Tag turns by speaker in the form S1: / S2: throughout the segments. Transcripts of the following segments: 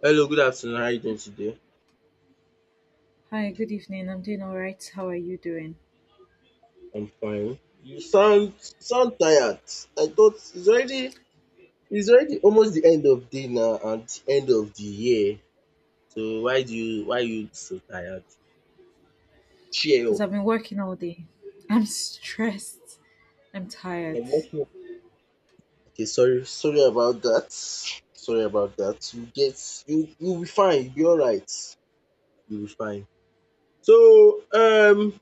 S1: Hello, good afternoon. How are you doing today?
S2: Hi, good evening. I'm doing all right. How are you doing?
S1: I'm fine. You sound tired. I thought it's already almost the end of day now and the end of the year. So why you so tired? Cheer
S2: Because
S1: up.
S2: I've been working all day. I'm stressed. I'm tired.
S1: I'm not sure. Okay, sorry about that. You'll be fine. You'll be alright. You'll be fine. So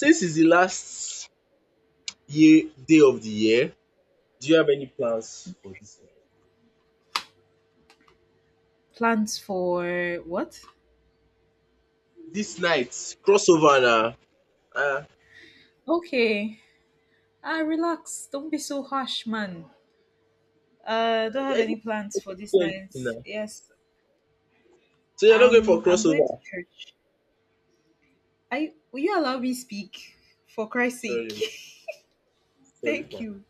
S1: since it's the last year day of the year, do you have any plans for this year?
S2: Plans for what?
S1: This night crossover now. Ah,
S2: Okay. Ah, relax. Don't be so harsh, man.
S1: I
S2: Don't have any
S1: didn't
S2: plans
S1: do
S2: for this
S1: anything na.
S2: night. Yes,
S1: So you're not going for
S2: I'm going to
S1: crossover?
S2: church. I will You allow me speak? For Christ's sake,
S1: Sorry, sorry.
S2: thank
S1: man.
S2: you.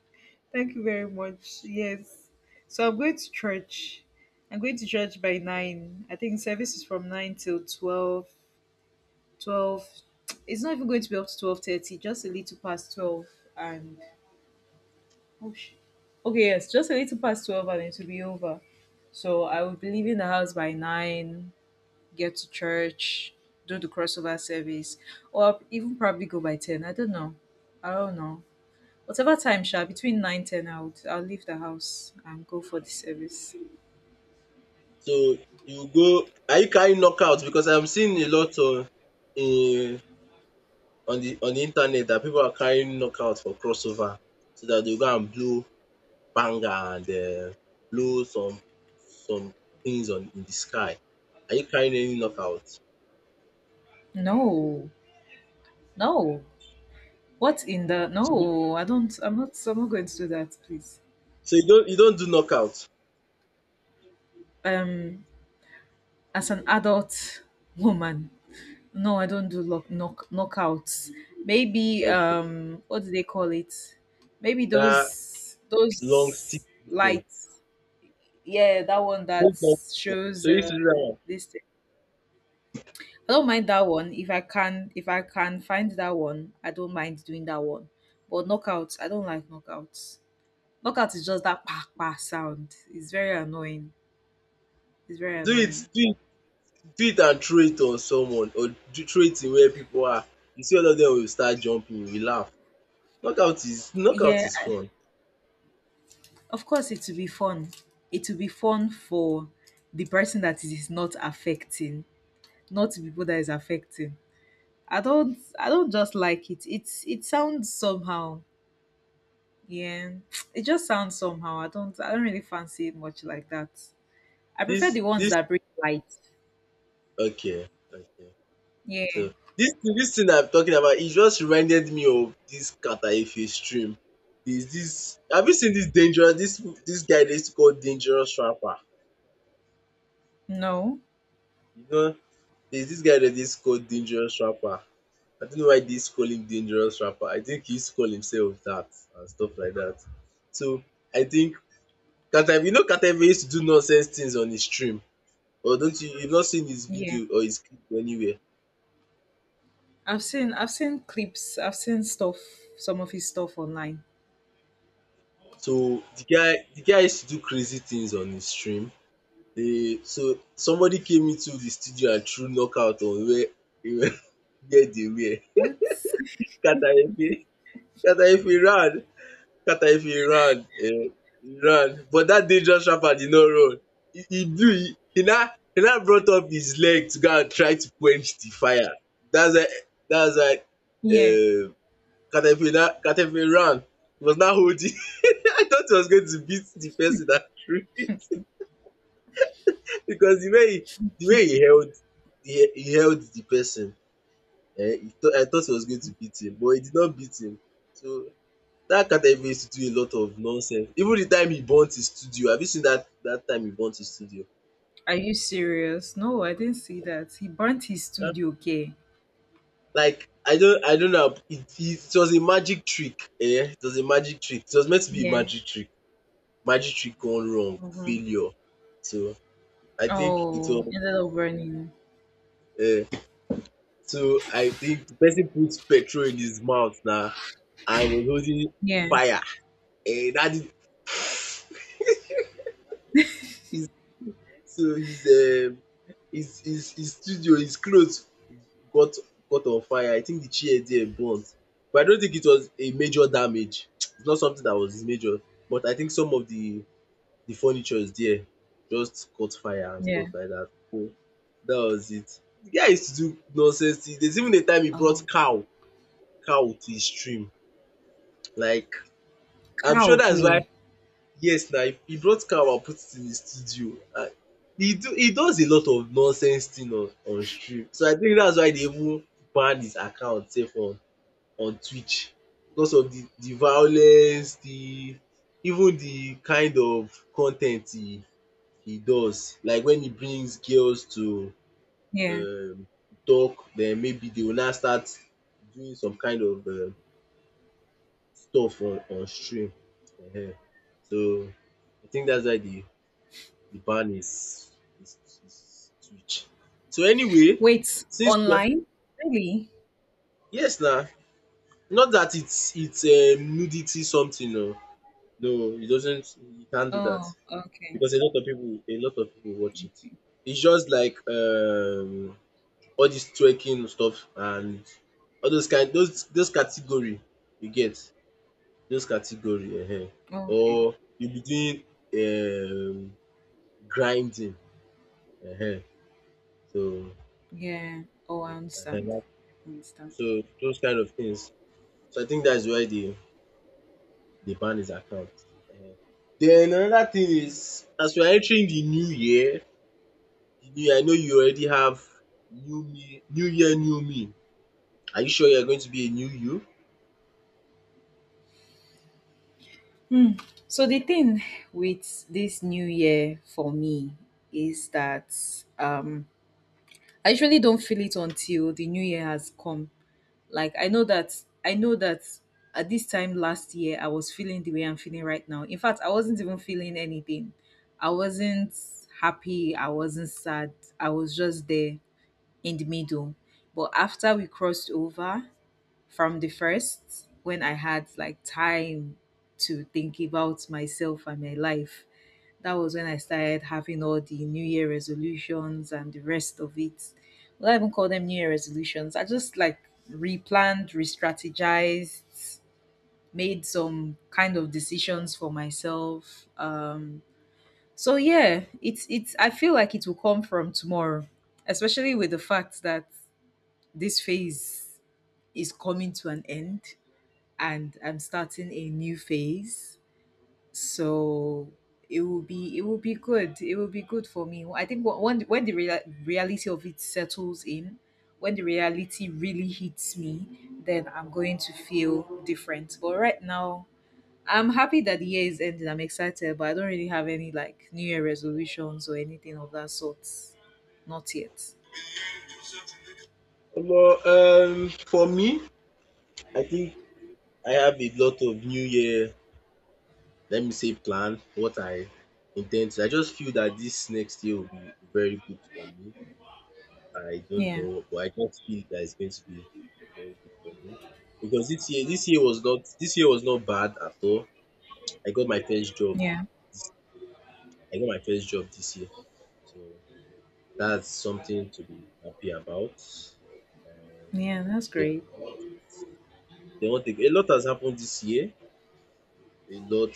S2: Thank you very much. Yes. So I'm going to church. I'm going to church by 9. I think service is from 9 till 12. 12. It's not even going to be up to 12:30, just a little past 12 and oh shit. Okay, yes, just a little past 12 and it will be over. So I will be leaving the house by 9, get to church, do the crossover service, or even probably go by 10. I don't know whatever time between 9, 10 I'll leave the house and go for the service.
S1: So you go. Are you carrying knockout? Because I'm seeing a lot in on the internet that people are carrying knockout for crossover, so that they go and blow banger and blow some things on in the sky. Are you carrying any knockout?
S2: No, no, what in the... No, I don't. I'm not going to do that, please.
S1: So you don't do knockout.
S2: um as an adult woman, no, I don't do lock, knock knockouts. Maybe
S1: Okay.
S2: what do they call it, maybe
S1: That
S2: those
S1: long stick
S2: those
S1: thing.
S2: lights. Yeah, that one
S1: Don't
S2: that
S1: talk to them.
S2: shows
S1: So you used to do that one.
S2: this. I don't mind that one. If I can find that one, I don't mind doing that one. But knockouts, I don't like knockouts. Knockout is just that pa pa sound. It's very annoying. It's very
S1: do it
S2: annoying.
S1: do it do it, and throw it on someone or do throw it in where people are. You see all of them will start jumping, we laugh. knockout is knockout
S2: Yeah,
S1: is fun.
S2: of course it will be fun. It will be fun for the person that it is not affecting, not the people that is affecting. I don't just like it. It's, it sounds somehow. Yeah. It just sounds somehow. I don't really fancy it much like that. I prefer
S1: this
S2: the ones
S1: this
S2: that bring light.
S1: Okay, okay. So
S2: Yeah.
S1: this thing I'm talking about, it just reminded me of this Kataefe stream. There's this, have you seen this dangerous, this guy they used to call dangerous rapper?
S2: No.
S1: You know, there's this guy that is called dangerous rapper. I don't know why dis call him dangerous rapper. I think he used to call himself dat and stuff like dat. So I think Carter, you know Carter Ever used to do nonsense things on his stream. Or don't you've not seen his
S2: Yeah.
S1: video or his clip anywhere?
S2: I've seen, I've seen clips. I've seen stuff, some of his stuff online.
S1: So the guy used to do crazy things on his stream. So somebody came into the studio and threw knockout on where where where they were.
S2: What?
S1: Carter Efe Carter Efe ran. Carter if he ran, he ran, but dat dangerous rapper did not run. He blew, he now, he now brought up his leg to go and try to quench the fire. that's why that's why
S2: Yeah.
S1: um Carter if he ran, he was now holding. I thought he was going to beat the person that threw it. Because the way he, held, he held the person. He thought I thought he was going to beat him, but he did not beat him. So that Carter Evans do a lot of nonsense. Even the time he burnt his studio, have you seen that? That time he burnt his studio?
S2: Are you serious? No, I didn't see that. He burnt his
S1: um
S2: studio. Okay.
S1: Like, I don't know, it was a magic trick, it was a magic trick. It was meant to be a
S2: Yeah.
S1: magic trick. Magic trick gone wrong,
S2: Mm-hmm.
S1: failure. So I think it
S2: Oh,
S1: was
S2: ended up burning.
S1: um so I think the person put petrol in his mouth now, and was holding
S2: Yeah.
S1: fire. That is So his, his studio, his cloth got caught on fire. I think the chair there burnt, but I don't think it was a major damage. It's not something that was major, but I think some of the furnitures there just caught fire and
S2: Yeah.
S1: stuff like that. So that was it. The guy used to do nonsense things. There's even a time he
S2: Oh.
S1: brought cow cow to his stream. Like, I'm
S2: Cow.
S1: sure that's why,
S2: Okay.
S1: yes, now he brought cow and put it in his studio. He does a lot of nonsense thing on stream. So I think that's why they even banned his account sef on Twitch, because of the violence, the even the kind of con ten t he does, like when he brings girls to
S2: Yeah.
S1: um talk, then maybe they will now start doing some kind of stuff on stream um. So I think that's why the ban is, is is Twitch. So anyway,
S2: Wait,
S1: since we are,
S2: online? Really?
S1: yes na, not that it's nudity something oo. No, it doesn't. You can't do that,
S2: Oh, okay.
S1: because a lot of people watch it. It's just like, all this twerking stuff and all those kind, those category you get, those category,
S2: Okay.
S1: or you be doing, grinding, uh so
S2: Yeah. Oh, I understand.
S1: uh
S2: I understand.
S1: so those kind of things. So I think that's why they ban his account. uh Then another thing
S2: Mm.
S1: is, as we are entering the new year, you, I know you already have, new year, new me. Are you sure you're going to be a new you?
S2: Mm. So the thing with this new year for me is that um I usually don't feel it until the new year has come. Like I know that at this time last year I was feeling the way I'm feeling right now. In fact, I wasn't even feeling anything. I wasn't happy, I wasn't sad. I was just there in the middle. But after we crossed over from the first, when I had like time to think about myself and my life. That was when I started having all the New Year resolutions and the rest of it. Well, I even call them New Year resolutions. I just like replanned, re strategized, made some kind of decisions for myself. So yeah, it's. I feel like it will come from tomorrow, especially with the fact that this phase is coming to an end and I'm starting a new phase. So it will be good. It will be good for me. I think when the reality of it settles in, when the reality really hits me, then I'm going to feel different. But right now, I'm happy that the year is ending. I'm excited, but I don't really have any like New Year resolutions or anything of that sort. Not yet.
S1: Well, for me, I think I have a lot of new year, let me say, plan, what I intend to. I just feel that this next year will be very good for me. I don't
S2: Yeah,
S1: know, but I just feel that it's going to be very good for me. Because this year, this year was not bad at all. I got my first job.
S2: yeah,
S1: This, I got my first job this year. So that's something to be happy about.
S2: yeah. That's
S1: Then
S2: great.
S1: what- then one thing, a lot has happened this year. A lot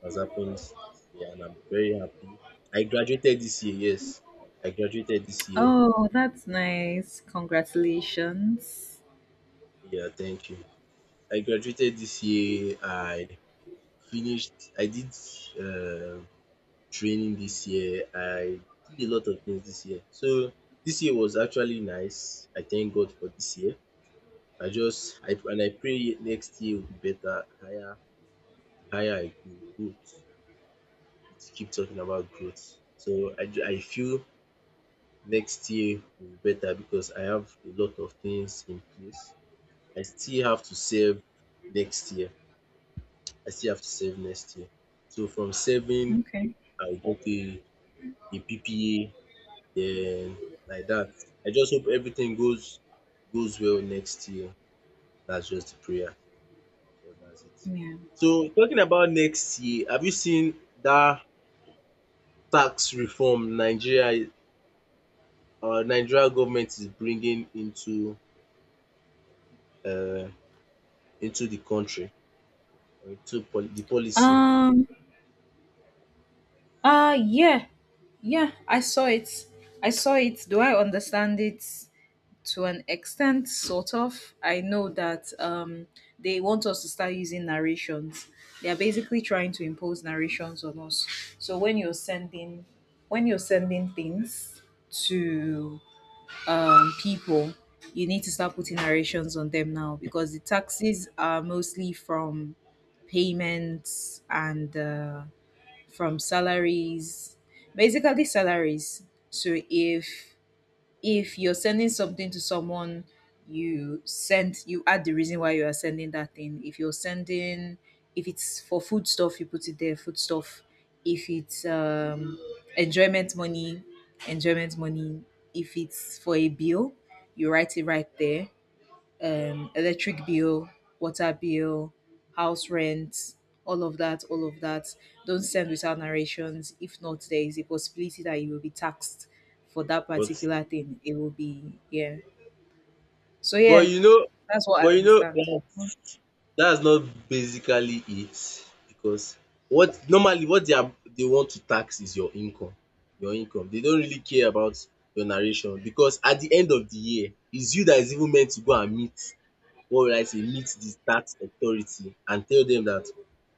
S1: has happened this year, and I'm very happy. I graduated this year, yes. I graduated this year.
S2: Oh, that's nice. Congratulations.
S1: Yeah, thank you. I graduated this year. I did uh, training this year. I did a lot of things this year. So this year was actually nice. I thank God for this year. I just, I pray next year will be better, higher, the higher I go, growth. It's Keep talking about growth. So I feel next year will be better because I have a lot of things in place. I still have to save next year. I still have to save next year. So from saving,
S2: Okay.
S1: I'll get a, PPA, then, like that. I just hope everything goes well next year. That's just the prayer. So that's it.
S2: Yeah.
S1: So talking about next year, have you seen that tax reform, Nigeria our Nigeria government is bringing into, um into the country, or into the policy?
S2: Um. Yeah. Yeah. I saw it. I saw it. Do I understand it to an extent? Sort of. I know that they want us to start using narrations. They are basically trying to impose narrations on us. So when you're sending things to people, you need to start putting narrations on them now because the taxes are mostly from payments and from salaries, basically salaries. So if you're sending something to someone, you send, you add the reason why you are sending that thing. If you're sending, if it's for food stuff, you put it there, food stuff. If it's enjoyment money, enjoyment money. If it's for a bill, you write it right there. Electric bill, water bill, house rent, all of that, all of that. Don't send without narrations. If not, there is a possibility that you will be taxed for that
S1: But,
S2: particular thing. It will be, yeah. So
S1: but
S2: yeah,
S1: you know
S2: that's what I
S1: but you know
S2: understand.
S1: dat dat's not basically it, because what they want to tax is your income, your income. They don't really care about your narration, because at the end of the year, it's you that is even meant to go and meet, what will I say meet the tax authority and tell them that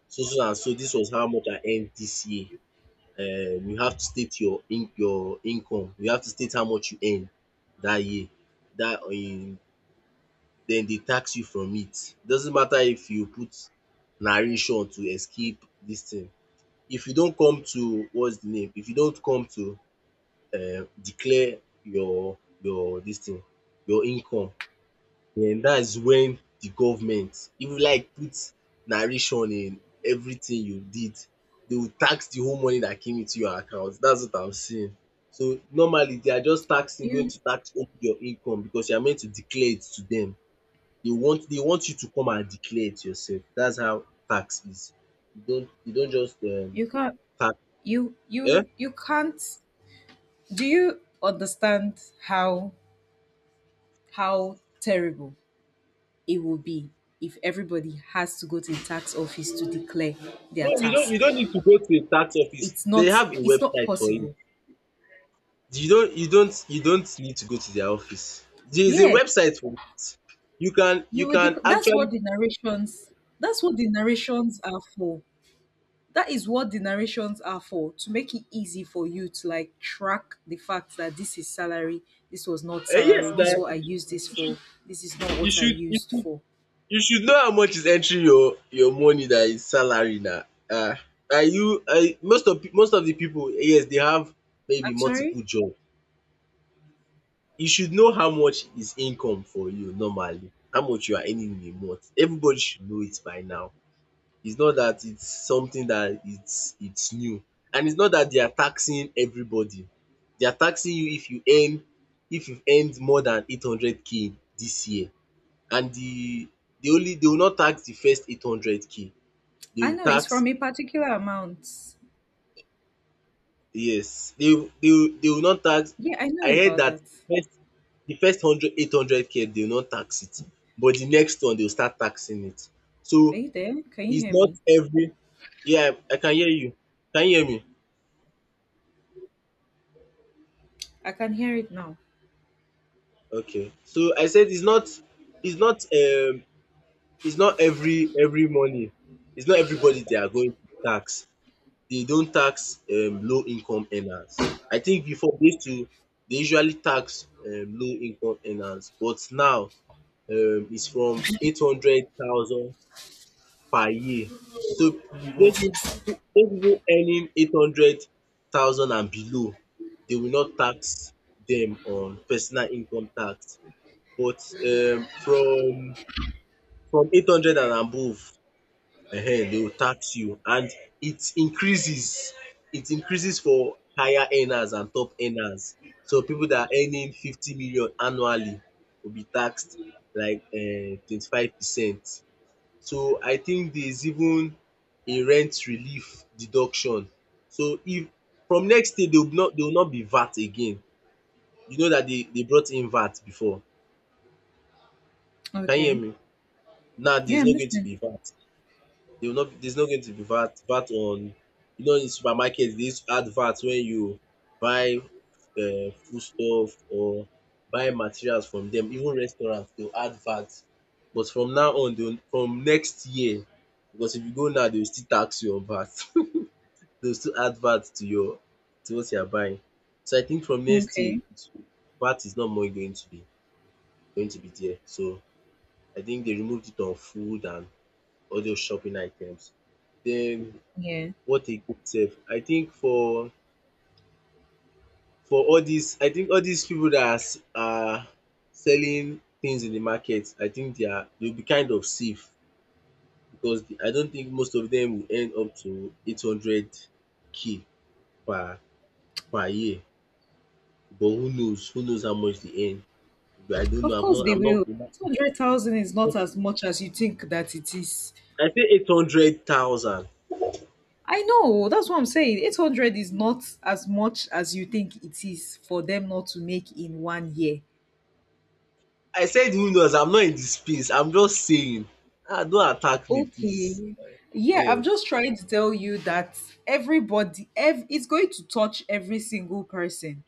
S1: so so and so, this was how much I earned this year. You have to state your income, you have to state how much you earn dat year. Dat Dem dey tax you from it. Doesn't matter if you put narration to escape dis thing. If you don come to what's the name, If you don come to declare your dis thing, your income. That's when the government even like put narration in everything you did. They will tax the whole money that came into your account. That's what I'm seeing. So normally they are just taxing going
S2: You
S1: to tax only your income, because you are meant to declare it to them. They want you to come and declare it yourself. That's how tax is. You don't just
S2: you can't.
S1: tax. Eh?
S2: You can't. Do you understand how terrible it will be if everybody has to go to the tax office to declare
S1: No,
S2: their
S1: you don't
S2: tax?
S1: you don't need to go to a tax office. They have a
S2: It's not
S1: website for it.
S2: possible.
S1: You don't need to go to their office. There is a
S2: Yeah,
S1: website for it. You can
S2: you
S1: you
S2: would
S1: can
S2: that's
S1: actually,
S2: what the narrations, that's what the narrations are for that is what the narrations are for, to make it easy for you to like track the fact that this is salary, this was not
S1: yes
S2: salary,
S1: na,
S2: this is what I used this
S1: you should
S2: for, this is not
S1: you
S2: what I
S1: should you
S2: used
S1: should
S2: for.
S1: you should know how much is entering your money, that is salary na. Ah, Are you I most of the pipu, yes, they have maybe
S2: I'm
S1: multiple
S2: sorry.
S1: job. You should know how much is income for you normally, how much you are earning in a month. Everybody should know it by now. It's not that it's something that it's new, and it's not that they are taxing everybody. They are taxing you if you've earned more than 800K this year, and they only, they will not tax the first 800K. They
S2: I
S1: will
S2: know it's
S1: tax
S2: from a particular amount.
S1: Yes, they will not tax.
S2: Yeah, I know
S1: I heard
S2: about
S1: that
S2: that.
S1: first the first hundred 800K they will not tax it, but the next one they will start taxing it. So
S2: Are you there? Can you
S1: it's
S2: hear
S1: not
S2: me?
S1: every. Yeah, I can hear you. Can you hear me?
S2: I can hear it now.
S1: Okay. So I said it's not, it's not um it's not every money. It's not everybody they are going to tax. They don't tax low income earners. I think before they used to, they usually tax low income earners, but now it's from 800,000 per year. So those people those people earning 800,000 and below, they will not tax them on personal income tax. But from 800 and above, they will tax you, and it increases it increases for higher earners and top earners. So people that are earning 50 million annually will be taxed like 25%. So I think there is even a rent relief deduction. So if from next year they will not be VAT again. You know that they brought in VAT before. Can you hear
S2: Okay.
S1: me? Now there
S2: Yeah,
S1: is
S2: I'm
S1: not going to
S2: listening.
S1: be VAT. They will not There's not going to be VAT on, in supermarket they used to add VAT when you buy foodstuff or buy materials from dem. Even restaurant they will add VAT. But from now on they will, from next year, because if you go now they will still tax you on VAT. They will still add VAT to your to what you are buying. So I think from next year
S2: Okay.
S1: it's- VAT is no more going to be there. So I think they removed it on food and all those shopping items. Den
S2: Yeah.
S1: what a group sef. I think for all dis, I think all dis pipu dat are are selling things in the market. I think they will be kind of safe because the, I don't think most of dem will earn up to 800K per year, but who knows, who knows how much dey earn. But I don't know,
S2: Of
S1: I'm
S2: course they
S1: not
S2: will.
S1: I'm not
S2: 200,000 is not as much as you think that it is.
S1: I say 800,000.
S2: I know, that's what I'm saying. 800 is not as much as you think it is for them not to make in one year.
S1: I said who knows, I'm not in the space, I'm just saying. Ah, don't attack me please.
S2: Okay. Yeah, I'm
S1: um
S2: just trying to tell you that everybody, it's going to touch every single person.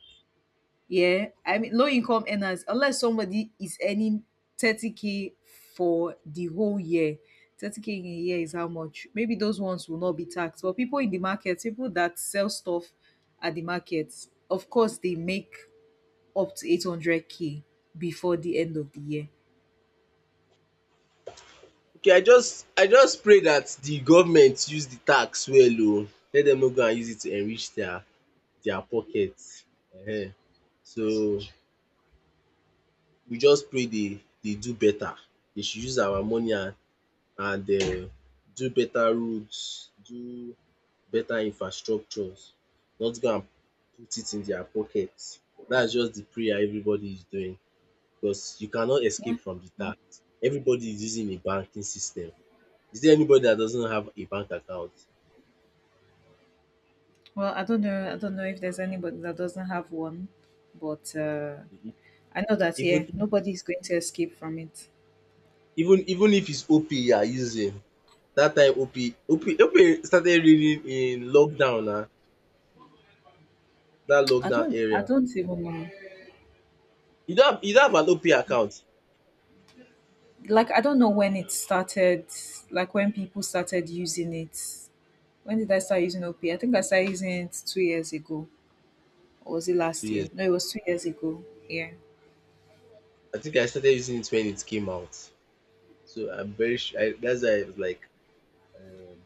S2: Yeah, I mean low income earners, unless somebody is earning 30K for the whole year, 30K in a year is how much? Maybe those ones will not be taxed. But people in the market, people that sell stuff at the market, of course they make up to 800K before the end of the year.
S1: Okay, I just pray dat di government use di tax well oh, make dem no go and use it to enrich dia pocket, um so we just pray dey do beta, dey should use our money and and um do beta roads, do beta infrastructures, not go and put it in dia pocket. Dats just di prayer everybody is doing, because you cannot
S2: Yeah.
S1: escape from di tax. Everybody is using a banking system. Is there anybody that doesn't have a bank account?
S2: Well, I don't know. I don't know if there's anybody that doesn't have one, but
S1: Mhm.
S2: I know that
S1: Even
S2: yeah, nobody's going to escape from it.
S1: Even if it's OP you are using, that time OP started reading in lockdown na, that
S2: I
S1: lockdown
S2: don't. I
S1: area.
S2: don't even know.
S1: You don't have an OP account?
S2: Like, I don't know when it started, like when people started using it. When did I start using OPay? I think I started using it 2 years ago. Or was it
S1: Two
S2: last year?
S1: years.
S2: No, it was 2 years ago. Yeah.
S1: I think I started using it when it came out. So I'm very sure, I that's why I was like, um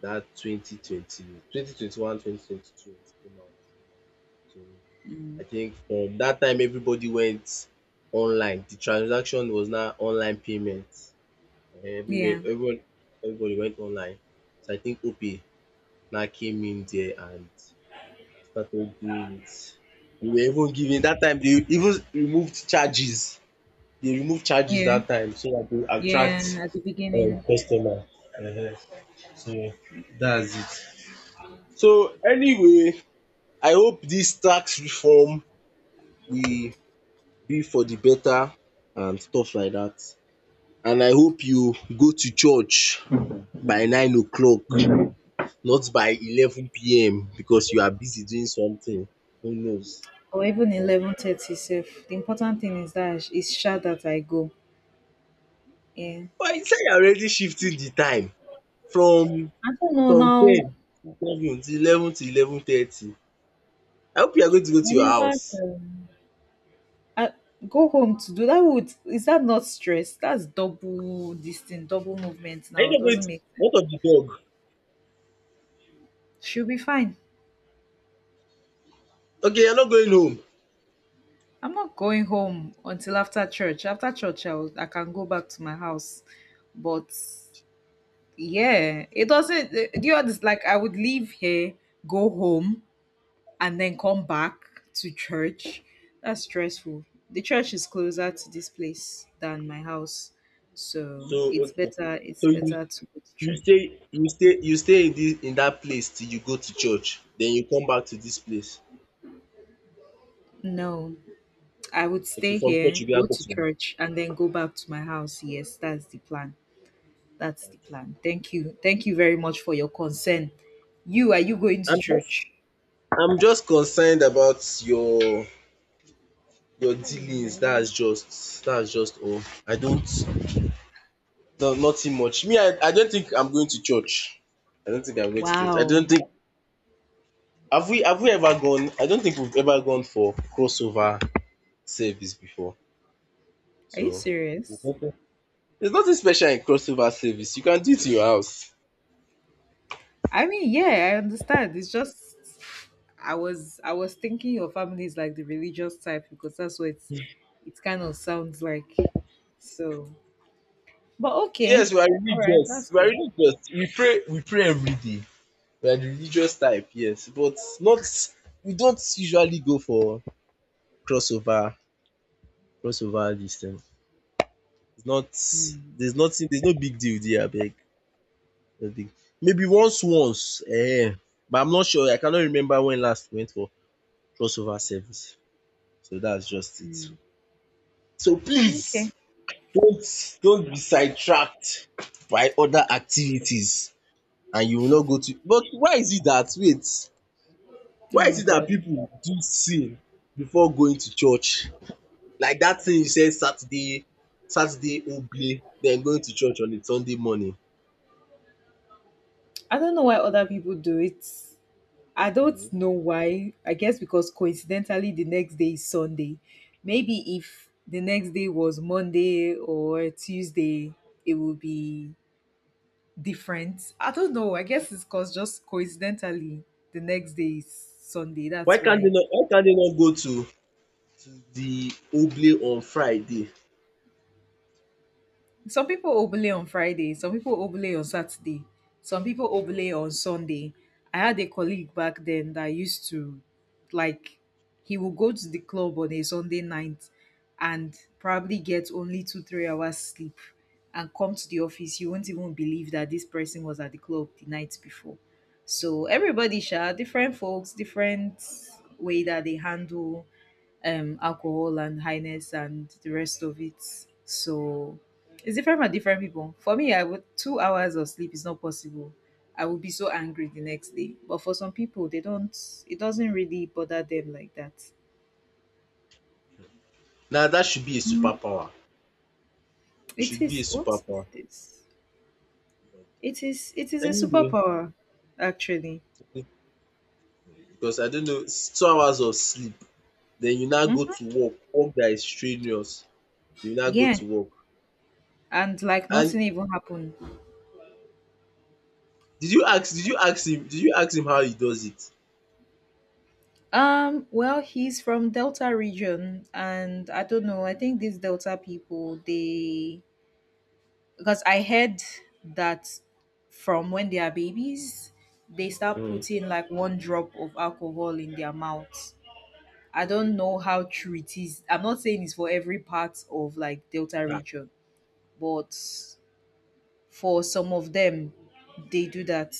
S1: that 2020, 2021, 2022 it came out. So I think from that time everybody went online. The transaction was now online payment. Everywhere,
S2: Yeah.
S1: everyone, everybody went online. So I think OP now came in there and started doing it. They were even giving that time. They even removed charges. They removed charges
S2: Yeah.
S1: that time so that they
S2: Yeah.
S1: attract
S2: At the beginning.
S1: customer. Uh-huh. So that's it. So anyway, I hope this tax reform will be for the better and stuff like that. And I hope you go to church by 9 o'clock, not by 11 p.m. because you are busy doing something, who knows?
S2: Or even
S1: um
S2: 11:30 safe. The important thing is that it's sure that I go. Yeah.
S1: But you say you are already shifting the time from
S2: I don't know now.
S1: 10 to 7 to 11 to 11:30. I hope you are going to go to your
S2: Whenever
S1: house.
S2: I go home to do that, would, is that not stress? That's double this thing, double movement
S1: Are you
S2: now.
S1: not going
S2: Doesn't
S1: to,
S2: make
S1: what of the dog?
S2: sense. She'll be fine.
S1: Okay, you are not going home.
S2: I'm not going home until after church. After church, I can go back to my house. But yeah, it doesn't. Do you understand? Like, I would leave here, go home, and then come back to church. That's stressful. The church is closer to this place than my house,
S1: So
S2: so it's
S1: okay,
S2: better. It's
S1: so you
S2: better to go to
S1: you
S2: church. Yeah.
S1: stay you stay you stay in this in that place till you go to church, then you come back to this place.
S2: No, I would
S1: Okay,
S2: stay
S1: from church
S2: here,
S1: you go now
S2: go
S1: go
S2: to
S1: to your
S2: church, and then go back to my house. Yes, that's the plan. That's the
S1: house.
S2: plan. Thank you. Thank you very much for your concern. You, are you going to
S1: I'm just
S2: church?
S1: I'm just concerned about your dealings. That's just all. I don't, no, nothing much. Me, I don't think I'm going to church. I don't think I'm going to church. I don't
S2: Wow.
S1: think have we ever gone I don't think we've ever gone for crossover service before.
S2: Are you
S1: So there's
S2: serious?
S1: nothing there's nothing special in crossover service. You can do it in your house.
S2: I mean, yeah, I understand. It's just I was thinking your family is like the religious type because that's what it's, it kind of sounds like. So but
S1: Yes,
S2: okay.
S1: we are
S2: Alright,
S1: religious.
S2: that's
S1: We are
S2: cool.
S1: religious. We pray every day. We are the religious type, yes. But not, we don't usually go for crossover crossover this thing. It's not, there's nothing, there's no big deal there abeg, no big, maybe once, but I'm not sure, I cannot remember when last we went for crossover service, so that's just it. So
S2: Okay.
S1: please don't don't be sidetracked by other activities, and you will not go to, but why is it dat, wait, why
S2: Oh
S1: is
S2: my
S1: it dat
S2: god.
S1: pipu do sin before going to church, like dat thing you said Saturday, Ogbe, then going to church on a Sunday morning.
S2: I don't know why other people do it. I don't know why. I guess because coincidentally the next day is Sunday. Maybe if the next day was Monday or Tuesday, it would be different. I don't know. I guess it's because just coincidentally the next day is Sunday. That's why.
S1: Why can't they not go to the Oble on Friday?
S2: Some people obele on Friday, some people obele on Saturday, some people obele on Sunday. I had a colleague back then that used to like he would go to the club on a Sunday night and probably get only two, 3 hours sleep and come to the office. You won't even believe that this person was at the club the night before. So everybody sha different folks, different way that they handle alcohol and highness and the rest of it. So it's different for different people. For me, I would, 2 hours of sleep is not possible. I would be so angry the next day. But for some people, they don't. It doesn't really bother them like that.
S1: Now that should be a
S2: Mm,
S1: superpower. It
S2: it
S1: should be a
S2: is, what is
S1: superpower.
S2: this? It is a
S1: Anyway,
S2: superpower, actually.
S1: because I don't know, it's 2 hours of sleep. Then you now go
S2: Hmm.
S1: to work, work that is strenuous. You now go
S2: Yeah,
S1: to work.
S2: and like
S1: And
S2: nothing even happened.
S1: did you ask him did you ask him how he does it?
S2: Well, he's from Delta region, and I don't know. I think these Delta people, they because I heard that from when they are babies, they start
S1: Mm.
S2: putting like one drop of alcohol in their mouth. I don't know how true it is. I'm not saying it's for every part of like Delta
S1: Ah.
S2: region, but for some of them, they do that.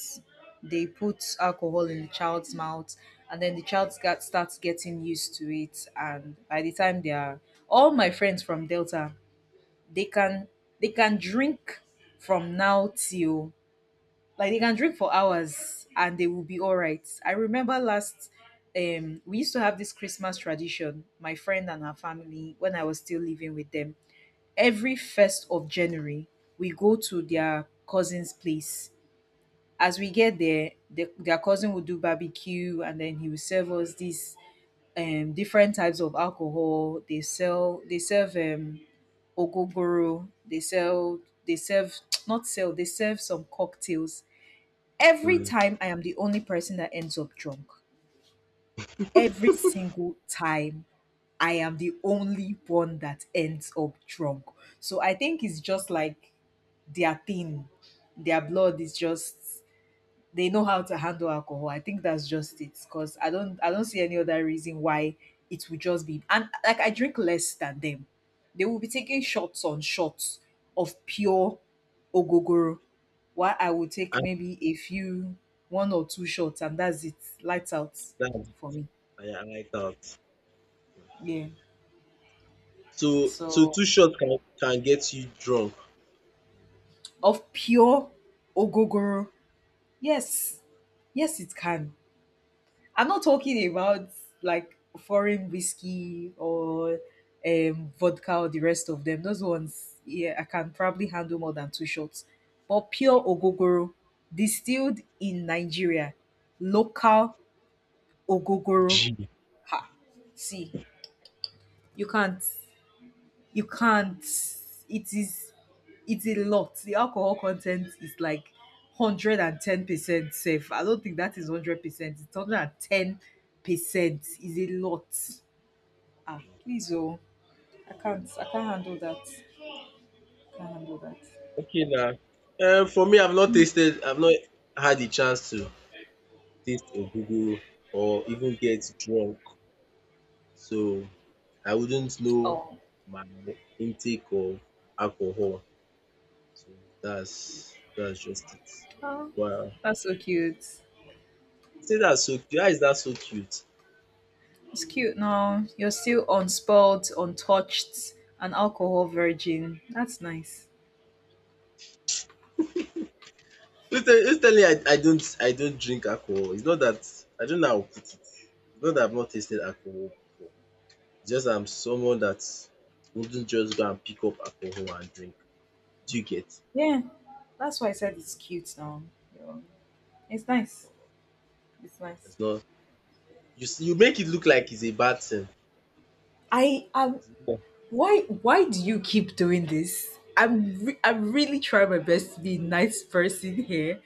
S2: They put alcohol in the child's mouth, and then the child starts getting used to it. And by the time they are, all my friends from Delta they can they can drink from now till like they can drink for hours and they will be all right. I remember last we used to have this Christmas tradition, my friend and her family when I was still living with them. Every first of January, we go to their cousin's place. As we get there, their cousin will do barbecue and then he will serve us these different types of alcohol. They serve ogogoro, they sell they serve, not sell, they serve some cocktails. Every
S1: Mm.
S2: time I am the only person that ends up drunk. Every single time I am the only one that ends up drunk. So I think it's just like their thing. Their blood is just, they know how to handle alcohol. I think that's just it. Cause I don't see any other reason why it would just be, and like I drink less than them. They will be taking shots on shots of pure ogogoro. While I will take
S1: And
S2: maybe a few one or two shots and that's it. Lights out
S1: that
S2: for me.
S1: I like out.
S2: Yeah.
S1: So
S2: So
S1: two shots can get you drunk.
S2: of pure ogogoro. Yes. Yes it can. I'm not talking about like foreign whiskey or vodka or the rest of them. Those ones, yeah, I can probably handle more than two shots. But pure ogogoro, distilled in Nigeria, local ogogoro.
S1: Gee.
S2: See, you can't, you can't. It is, it's a lot. The alcohol content is like 110% safe. I don't think that is 100%. It's 110%. Is a lot. Ah, please, oh, I can't handle that. I can't handle that.
S1: Okay now, for me, I've not had the chance to taste ogogoro or even get drunk, so I wouldn't know
S2: Oh.
S1: my intake of alcohol. So that's just it.
S2: Oh,
S1: Wow.
S2: that's so cute.
S1: See, that's so cute. How is that so cute?
S2: It's cute now. You're still unspoiled, untouched, an alcohol virgin. That's nice.
S1: Who's telling you, tell me I don't drink alcohol? It's not that I don't know how to put it. It's not that I've not tasted alcohol before. It's just, I'm someone that wouldn't just go and pick up alcohol and drink. Do you get?
S2: Yeah, that's why I said it's cute now. you know. It's nice. It's nice.
S1: It's not, you see, you make it look like it's a bad thing.
S2: I have.
S1: Yeah.
S2: Why do you keep doing this? I'm really trying my best to be a nice person here,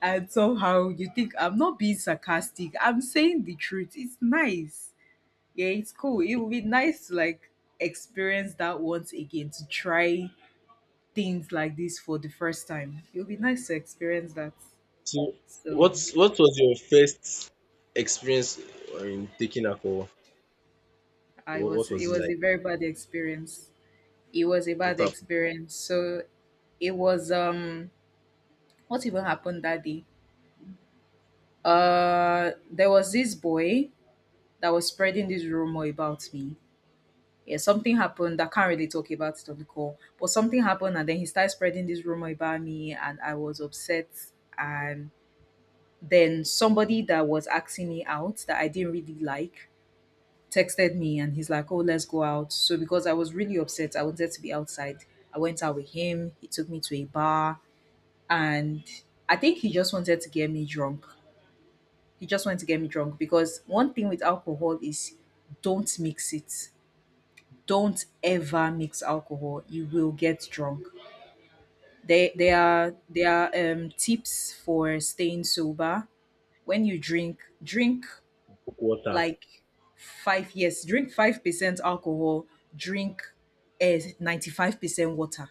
S2: and somehow you think I'm not being sarcastic. I'm saying the truth. It's nice. Yeah, it's cool. It would be nice to like experience that once again, to try things like this for the first time. It would be nice to experience that.
S1: So
S2: So
S1: what was your first experience, in taking alcohol?
S2: I was
S1: What
S2: it
S1: was it
S2: was a
S1: like?
S2: very bad experience. It was a
S1: What
S2: bad
S1: happened?
S2: experience. So it was, what even happened that day? There was this boy that was spreading
S1: Mhm.
S2: this rumor about me. Yeah, something happened. I can't really talk about it on the call, but something happened, and then he started spreading this rumor about me, and I was upset. And then somebody that was asking me out that I didn't really like texted me, and he's like, "Oh, let's go out." So because I was really upset, I wanted to be outside. I went out with him. He took me to a bar, and I think he just wanted to get me drunk. He just wanted to get me drunk because one thing with alcohol is, don't mix it. Don't ever mix alcohol. You will get drunk. There are tips for staying sober. When you drink, drink
S1: Coke Water.
S2: like five, yes, drink 5% alcohol. Drink 95% water.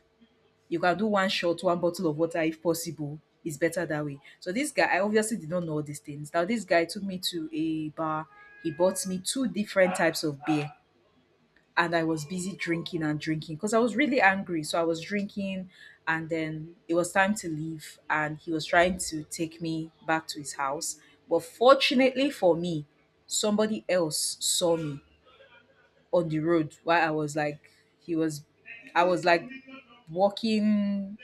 S2: You can do one shot, one bottle of water if possible. It's better that way. So this guy, I obviously did not know all these things. Now this guy took me to a bar. He bought me two different types of beer, and I was busy drinking and drinking because I was really angry. So I was drinking, and then it was time to leave, and he was trying to take me back to his house. But fortunately for me, somebody else saw me on the road while I was like, he was, I was like walking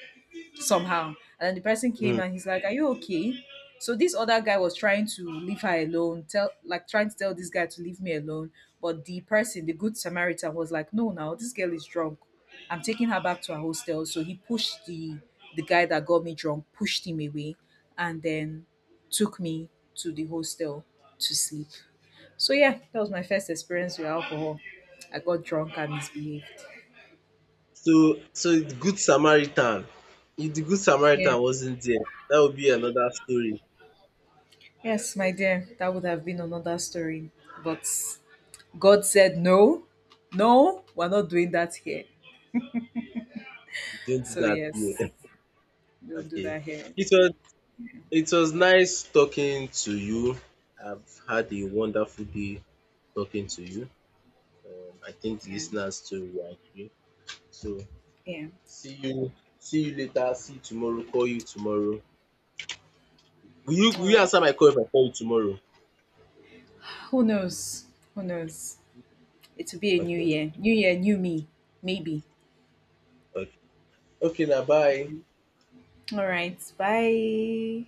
S2: somehow. And then the person came
S1: Mm.
S2: and he's like, "Are you okay?" So this other guy was trying to leave her alone, tell like trying to tell this guy to leave me alone. But the person, the good Samaritan, was like, "No, now this girl is drunk. I'm taking her back to her hostel." So he pushed the guy that got me drunk, pushed him away, and then took me to the hostel to sleep. So yeah, that was my first experience with alcohol. I got drunk and misbehaved.
S1: So the good Samaritan. If the good
S2: Yeah.
S1: Samaritan wasn't there, that would be another story.
S2: Yes, my dear, that would have been another story. But God said, no, no, we're not doing that here.
S1: Don't do
S2: So,
S1: that
S2: yes,
S1: here.
S2: we'll do
S1: Okay.
S2: that here.
S1: It was it was nice talking to you. I've had a wonderful day talking to you. I think the
S2: Yeah,
S1: listeners too will agree. So
S2: yeah.
S1: see you see you later. See you tomorrow. Call you tomorrow. Will
S2: All
S1: you
S2: right.
S1: answer my call if I call you tomorrow?
S2: Who knows? Who knows? It will be a new
S1: Okay.
S2: year. New year, new me. Maybe.
S1: Okay. Okay now, bye.
S2: All right. Bye.